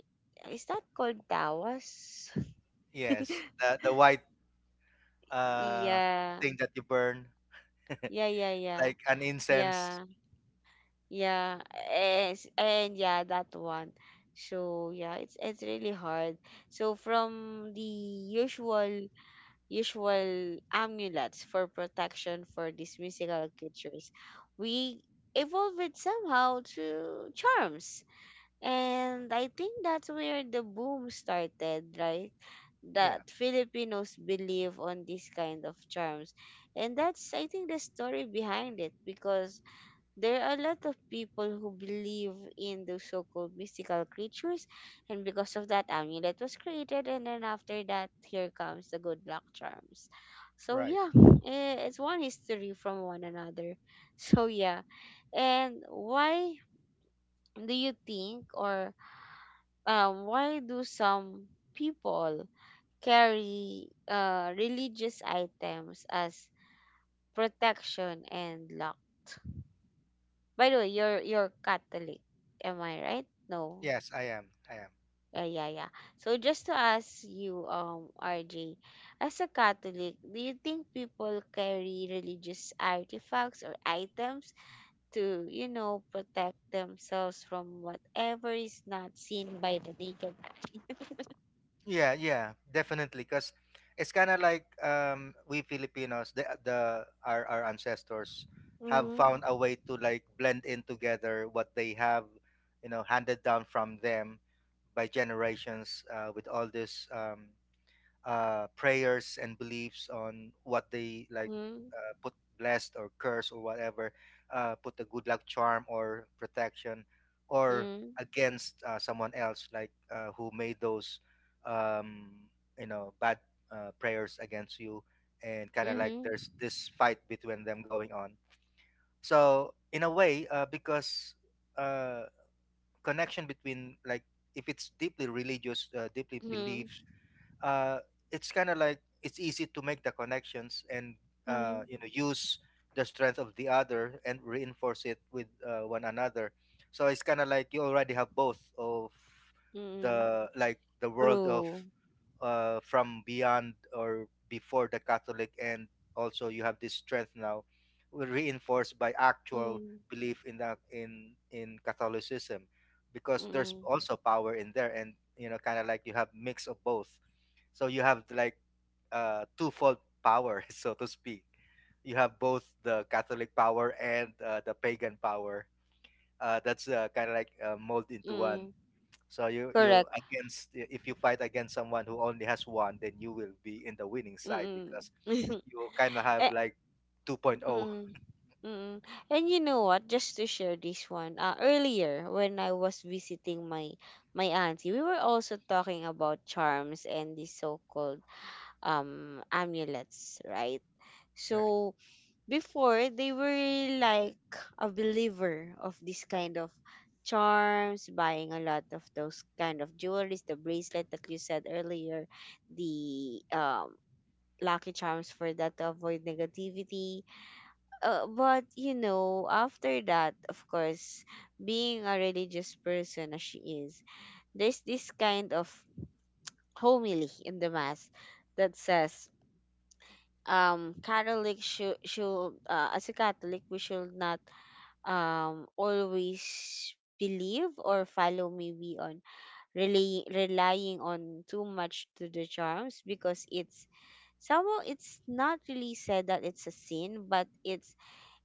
is that called tawas?
yes. The white uh
Yeah,
thing that you burn,
yeah, yeah. Yeah,
like an incense.
yeah. Yeah, yes, and yeah, that one. So yeah, it's really hard. So from the usual amulets for protection for these mystical creatures, we evolved it somehow to charms. And I think that's where the boom started, right?
Yeah,
That Filipinos believe on this kind of charms. And that's, I think, the story behind it, because there are a lot of people who believe in those so called mystical creatures, and because of that, amulet was created, and then after that, here comes the good luck charms. So
right.
yeah, eh, it's one history from one another. So yeah, and why do you think, or, why do some people carry, religious items as protection and luck? By the way, you're Catholic, am I right? No.
Yes, I am. I am.
Yeah, yeah, yeah. So just to ask you, RJ, as a Catholic, do you think people carry religious artifacts or items to, you know, protect themselves from whatever is not seen by the naked eye?
Yeah, yeah, definitely. Cause it's kind of like, we Filipinos, the our ancestors have
Mm-hmm.
found a way to like blend in together what they have, you know, handed down from them by generations, with all this prayers and beliefs on what they like
Mm,
put blessed or curse or whatever, put a good luck charm or protection, or
hmm,
against someone else, like who made those, um, you know, bad prayers against you, and kind of like
mm-hmm,
there's this fight between them going on. So in a way, because uh, connection between, like, if it's deeply religious, deeply
mm-hmm,
beliefs, uh, it's kind of like it's easy to make the connections, and
mm-hmm,
you know, use the strength of the other and reinforce it with one another. So it's kind of like you already have both of
mm-hmm.
the, like, the world of,
True.
from beyond or before the Catholic, and also you have this strength now, were reinforced by actual
Mm,
belief in the in Catholicism, because there's
mm,
also power in there, and you know, kind of like you have mix of both. So you have like, twofold power, so to speak. You have both the Catholic power and, the pagan power that's, kind of like mold into one.
mm,
So you
correct.
against, if you fight against someone who only has one, then you will be in the winning side, because
Mm-mm.
you kind of have like 2.0.
Mm. Mm. And you know what? Just to share this one. Earlier when I was visiting my auntie, we were also talking about charms and the so-called, amulets, right?
Right.
So before, they were like a believer of this kind of charms, buying a lot of those kind of jewelries, the bracelet that you said earlier, the, lucky charms for that to avoid negativity, but you know, after that, of course, being a religious person as she is, there's this kind of homily in the mass that says, Catholic should, as a Catholic we should not, always believe or follow, maybe on, relying on too much to the charms, because it's somehow, it's not really said that it's a sin, but it's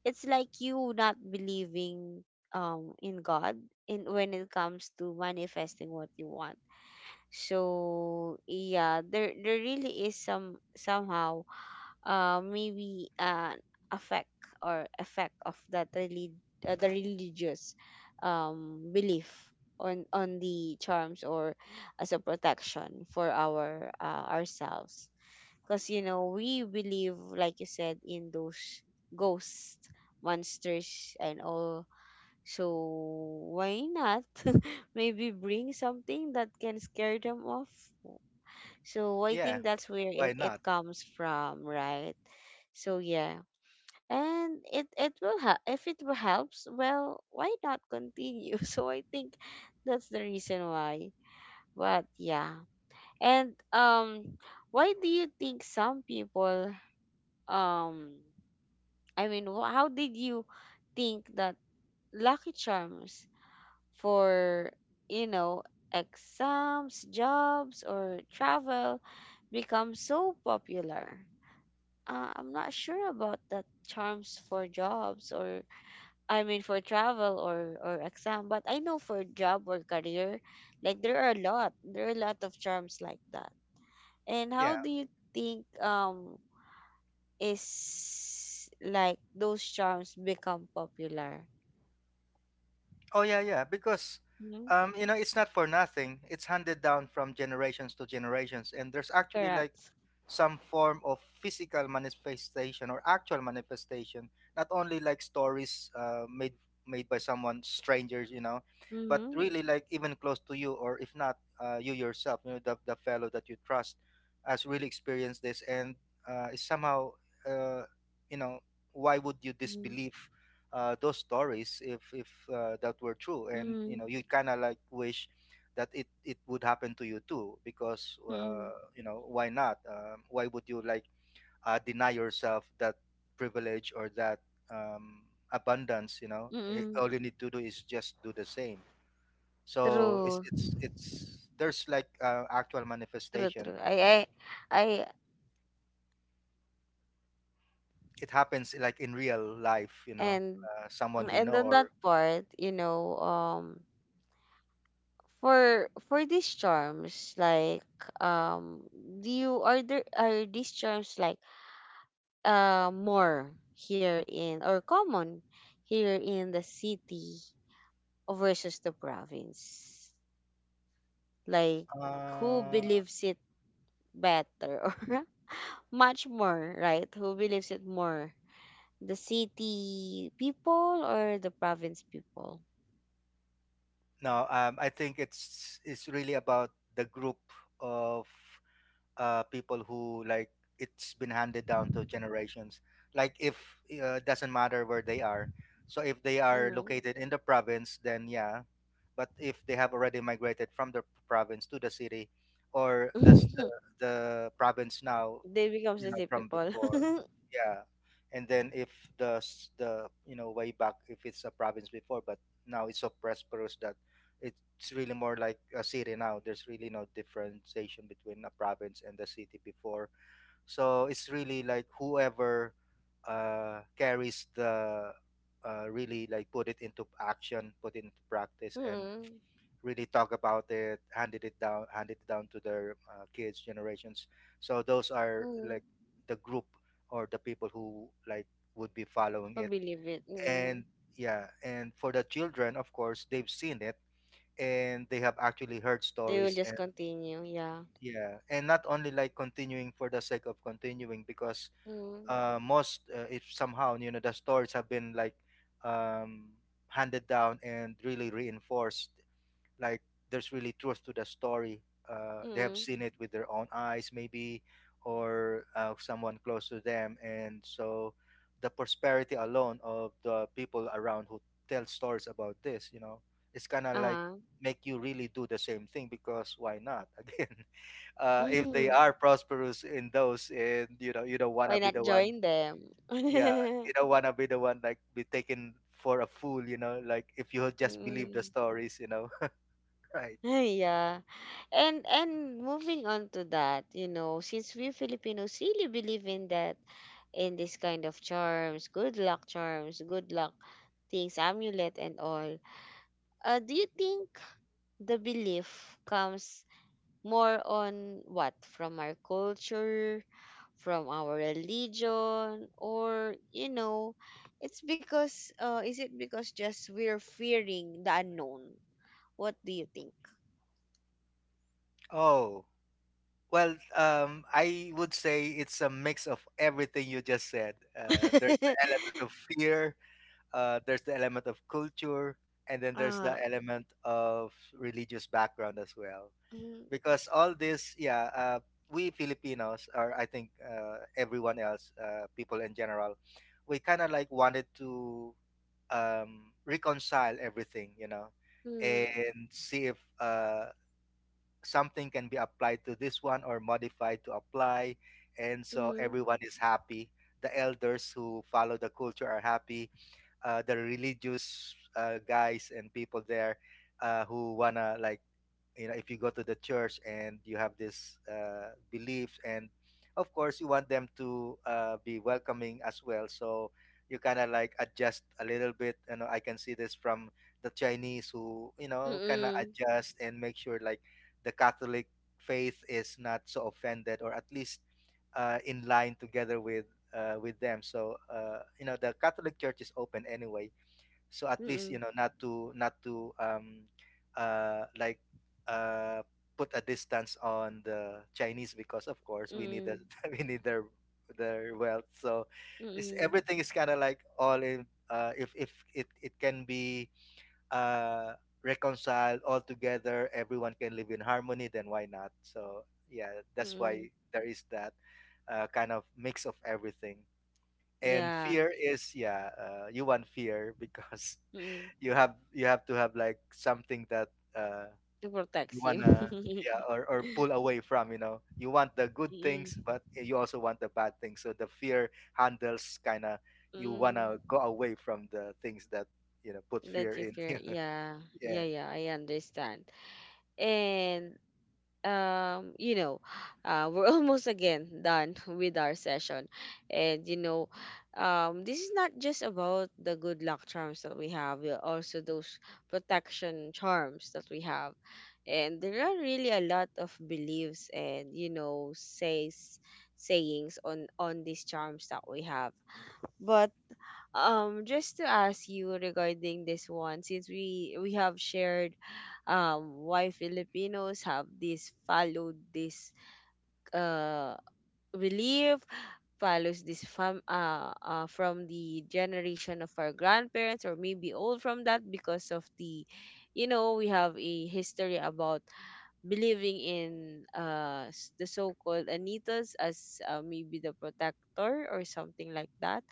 it's like you not believing, in God, in when it comes to manifesting what you want. So yeah, there really is some, somehow, maybe an effect or effect of that, the religious, belief on the charms or as a protection for our, ourselves, because, you know, we believe, like you said, in those ghosts, monsters, and all. So why not? Maybe bring something that can scare them off.
Yeah,
So I think that's
why
where
not?
it comes from, right? So yeah. And it will help. If it will helps, well, why not continue? So I think that's the reason why. But yeah. And, why do you think some people, um I mean, how did you think that lucky charms for, you know, exams, jobs, or travel become so popular? I'm not sure about that, charms for jobs, or I mean for travel or exam, but I know for job or career, like, there are a lot of charms like that. And how
Yeah.
do you think, is like those charms become popular?
Oh yeah, yeah. Because,
Mm-hmm.
you know, it's not for nothing. It's handed down from generations to generations, and there's actually like
Correct.
some form of physical manifestation or actual manifestation, not only like stories made by someone, strangers, you know, but
Mm-hmm.
really like even close to you, or if not, you yourself, you know, the fellow that you trust has really experienced this, and is somehow, uh, you know, why would you
Mm-hmm.
disbelieve those stories, if that were true? And you
Mm-hmm.
know, you kind of like wish that it would happen to you too, because,
Mm-hmm.
you know, why not? Why would you like deny yourself that privilege, or that, um, abundance, you know. Eh,
Mm-hmm.
all you need to do is just do the same. So it's
True,
there's like actual
true,
manifestation,
true. I,
it happens like in real life, you know,
and
someone we
And
know,
on that
or
part, you know, for these charms, like, um, do you, are there, are these charms like, more here in, or common here in the city versus the province? Like, who
uh,
believes it better, or much more, right? Who believes it more? The city people or the province people?
no, I think it's really about the group of people who, like, it's been handed down to generations. Like if, doesn't matter where they are. So if they are
Mm.
located in the province, then yeah. But if they have already migrated from the province to the city, or does the the province now,
They become
you
the
know,
city
from
people.
before, yeah. And then if the s- the you know, way back, if it's a province before, but now it's so prosperous that it's really more like a city now, there's really no differentiation between a province and the city before. So it's really like, whoever carries the, really like, put it into action, put it into practice, and
Mm.
really talk about it, handed it down to their kids generations. So those are
Mm.
like
Who
the group, or the people who like would be following it.
believe it? Mm.
And yeah, and for the children, of course, they've seen it, and they have actually heard
They will
stories,
just
and
continue, yeah.
yeah, and not only like continuing for the sake of continuing, because
Mm.
most, if somehow, you know, the stories have been like, um, handed down and really reinforced, like there's really truth to the story. They have
Mm.
seen it with their own eyes, maybe, or someone close to them. And so the prosperity alone of the people around who tell stories about this, you know, it's kind of like,
Uh-huh.
make you really do the same thing. Because why not? Again, if they
Mm.
are prosperous in those, and you know, you don't wanna
Why
be
not
the one,
join them?
yeah, you don't wanna be the one, like, be taken for a fool, you know, like if you just believe the
Mm.
stories, you know, right?
Yeah. And moving on to that, you know, since we Filipinos really believe in that, in this kind of charms, good luck things, amulet and all. Do you think the belief comes more on what? From our culture, from our religion, or, you know, it's because, is it because just we're fearing the unknown? What do you think?
Oh, well, I would say it's a mix of everything you just said. There's the element of fear, there's the element of culture, and then there's the
Ah,
element of religious background as well.
hmm,
Because all this, yeah, we Filipinos, or I think everyone else, people in general, we kind of like wanted to, reconcile everything, you know,
mm,
and see if something can be applied to this one or modified to apply, and so
mm,
everyone is happy. The elders who follow the culture are happy, the religious guys and people there, who wanna like, you know, if you go to the church and you have this, beliefs, and of course you want them to, be welcoming as well. So you kind of like adjust a little bit, you know. I can see this from the Chinese, who, you know, kind of
mm,
adjust and make sure like the Catholic faith is not so offended, or at least, in line together with, with them. So, you know, the Catholic church is open anyway, so at
mm,
least, you
mm,
know, not to not to, like, uh put a distance on the Chinese, because of course
mm,
we need
mm.
the we need their wealth. So it's
Mm,
everything is kind of like all in. If it, it can be, uh reconciled all together, everyone can live in harmony, then why not? So yeah, that's why
mm.
there is that, kind of mix of everything. And
Yeah.
fear is, yeah, you want fear because
Mm.
you have, you have to have like something that, uh
To
you
protects you.
wanna, yeah, or pull away from, you know. You want the good
Mm,
things, but you also want the bad things, so the fear handles, kind of, you
mm.
wanna go away from the things that, you know, put fear
That you
in you.
fear. Yeah.
Yeah.
Yeah, yeah, I understand. And, you know, we're almost again done with our session. And you know, this is not just about the good luck charms that we have, we also those protection charms that we have, and there are really a lot of beliefs and, you know, says sayings on these charms that we have. But, just to ask you regarding this one, since we have shared, why Filipinos have this, followed this, uh, belief, follows this from, from the generation of our grandparents, or maybe old from that, because of the, you know, we have a history about believing in, the so-called anitas as, maybe the protector or something like that.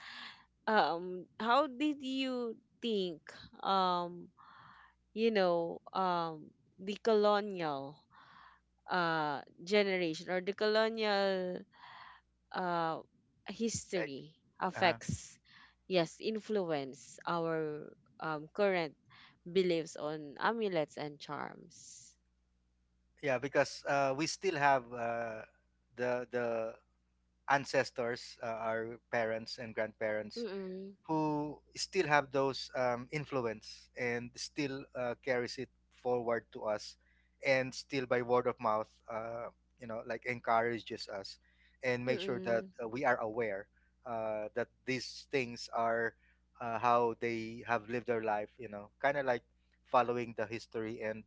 How did you think, um you know, the colonial, generation, or the colonial, uh,
Like
history
uh
affects, yes, influence our, current beliefs on amulets and charms.
yeah, because we still have the ancestors, our parents and grandparents,
Mm-mm.
who still have those, influence, and still carries it forward to us, and still by word of mouth, you know, like encourages us, and make sure that,
Mm-mm.
we are aware that these things are, how they have lived their life, you know, kind of like following the history. And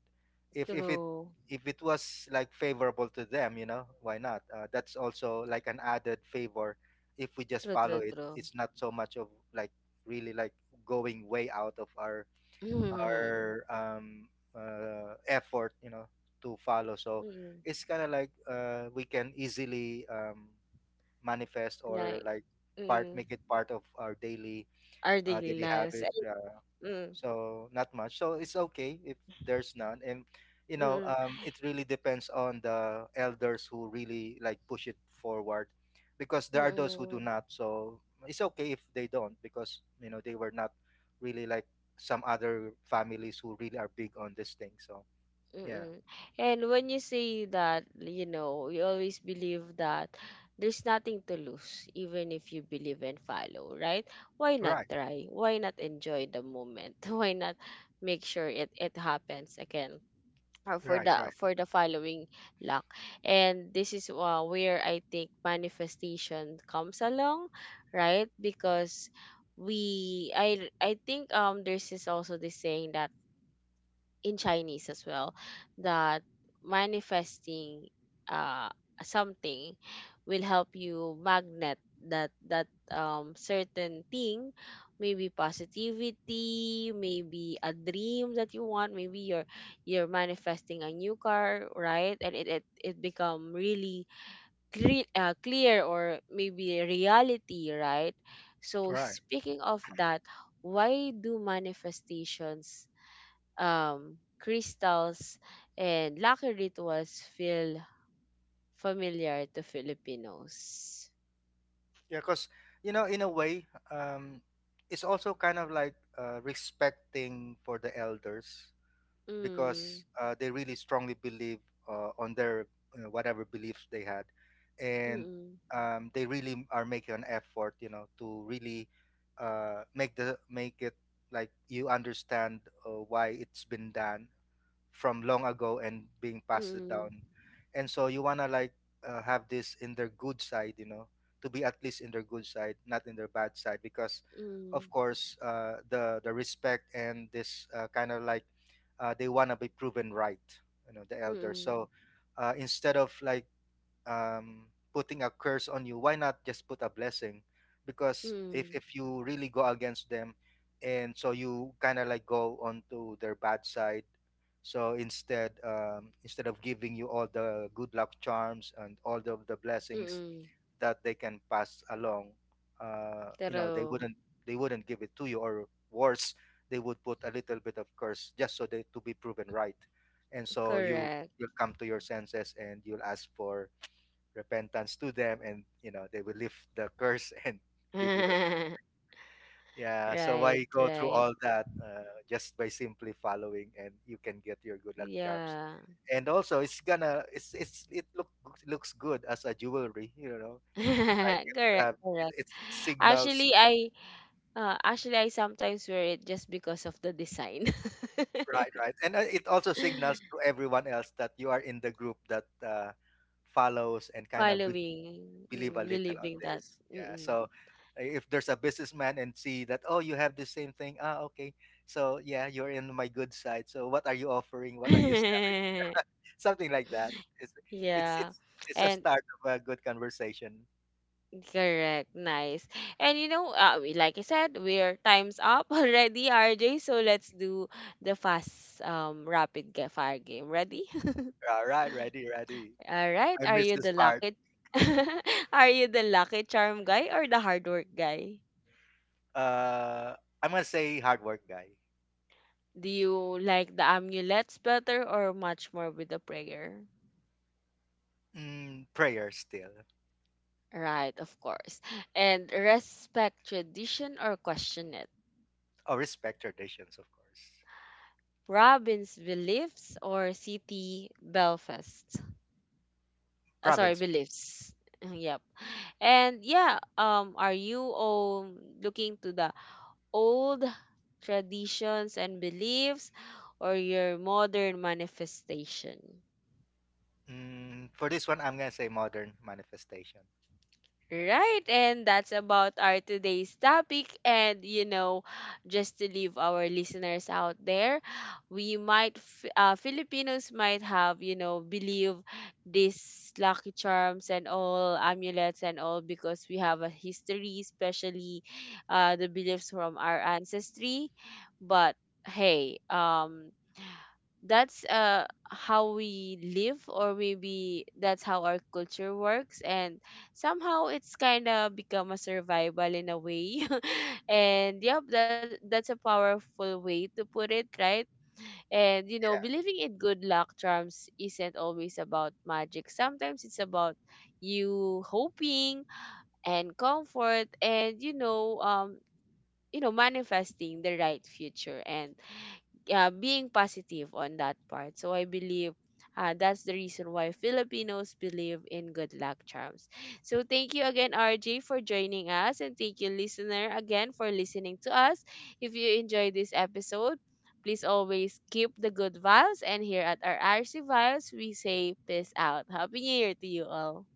if it,
True.
if it was like favorable to them, you know, why not? That's also like an added favor, if we just
True,
follow
true,
it.
true.
It's not so much of like really like going way out of our,
Mm-mm.
our um effort, you know, to follow. So
Mm-mm.
it's kind of like, we can easily, manifest, or
Like,
like, part,
mm-mm.
make it part of our daily,
Our daily
daily
lives.
habits, yeah.
Eh, mm-mm.
So not much, so it's okay if there's none. And you know,
Mm-mm.
it really depends on the elders who really like push it forward, because there are those who do
Mm-mm.
not. So it's okay if they don't, because you know, they were not really like some other families who really are big on this thing, so yeah.
Mm-mm. And when you say that, you know, you always believe that there's nothing to lose, even if you believe and follow, right? Why not
Right,
try? Why not enjoy the moment? Why not make sure it happens again? For
right.
the
Right,
for the following luck, and this is, where I think manifestation comes along, right? Because we I think, there's, is also this saying that in Chinese as well, that manifesting, uh something will help you magnet that, certain thing, maybe positivity, maybe a dream that you want, maybe you're manifesting a new car, right? And it become really clear, clear, or maybe reality, right? So
right.
speaking of that, why do manifestations, crystals, and lucky rituals feel familiar to Filipinos?
Yeah, because you know, in a way, um it's also kind of like, respecting for the elders,
Mm,
because they really strongly believe on their, whatever beliefs they had, and,
mm,
they really are making an effort, you know, to really, make the, make it like you understand why it's been done from long ago and being passed
mm,
down. And so you want to like, have this in their good side, you know, to be at least in their good side, not in their bad side, because of
mm,
course, the respect, and this, kind of like, they want to be proven right, you know, the elders.
mm,
So, instead of like, um, putting a curse on you, why not just put a blessing? Because
mm,
if you really go against them, and so you kind of like go onto their bad side. So instead, instead of giving you all the good luck charms and all the blessings
mm.
that they can pass along, you know, they
True.
wouldn't, they wouldn't give it to you, or worse, they would put a little bit of curse just so they to be proven right, and so you,
Correct.
you'll come to your senses and you'll ask for repentance to them, and you know they will lift the curse and give you the, yeah. So
Right,
why go through
right.
all that, just by simply following, and you can get your good luck charms.
Yeah.
And also it's gonna, it look, looks good as a jewelry, you know, like if you
Correct,
have
correct.
it, it signals.
Actually, I sometimes wear it just because of the design.
Right, right. And, it also signals to everyone else that you are in the group that, follows and kind of believes,
Following,
believe a
mm,
little on
believing that.
this. Yeah. So, if there's a businessman and see that, oh, you have the same thing. Ah, okay. So yeah, you're in my good side. So what are you offering? What are you selling? Something like that. It's it's
Yeah.
it's, it's a
And
start of a good conversation.
correct. Nice. And you know, we, like I said, we're time's up already, RJ. So let's do the fast, rapid fire game, ready?
All right, ready, ready.
All right,
I
are
missed
you
this
the
part.
lucky are you the lucky charm guy or the hard work guy?
Uh, I'm gonna say hard work guy.
Do you like the amulets better or much more with the prayer,
Mm, prayer still.
right? Of course. And respect tradition or question it?
Or respect traditions, of course.
Robin's beliefs or city Belfast. Sorry,
Province.
beliefs. Yep. And yeah, are you, looking to the old traditions and beliefs or your modern manifestation?
Mm, for this one, I'm gonna say modern manifestation.
Right, and that's about our today's topic. And you know, just to leave our listeners out there, we might, Filipinos might have, you know, believe these lucky charms and all amulets and all because we have a history, especially, the beliefs from our ancestry. But hey, that's how we live, or maybe that's how our culture works, and somehow it's kind of become a survival in a way, and yep, that's a powerful way to put it, right? And you know,
Yeah.
believing in good luck charms isn't always about magic. Sometimes it's about you hoping and comfort, and you know, manifesting the right future, and, being positive on that part. So I believe, that's the reason why Filipinos believe in good luck charms. So thank you again, RJ, for joining us. And thank you, listener, again for listening to us. If you enjoyed this episode, please always keep the good vibes. And here at our RC Vibes, we say peace out. Happy New Year to you all.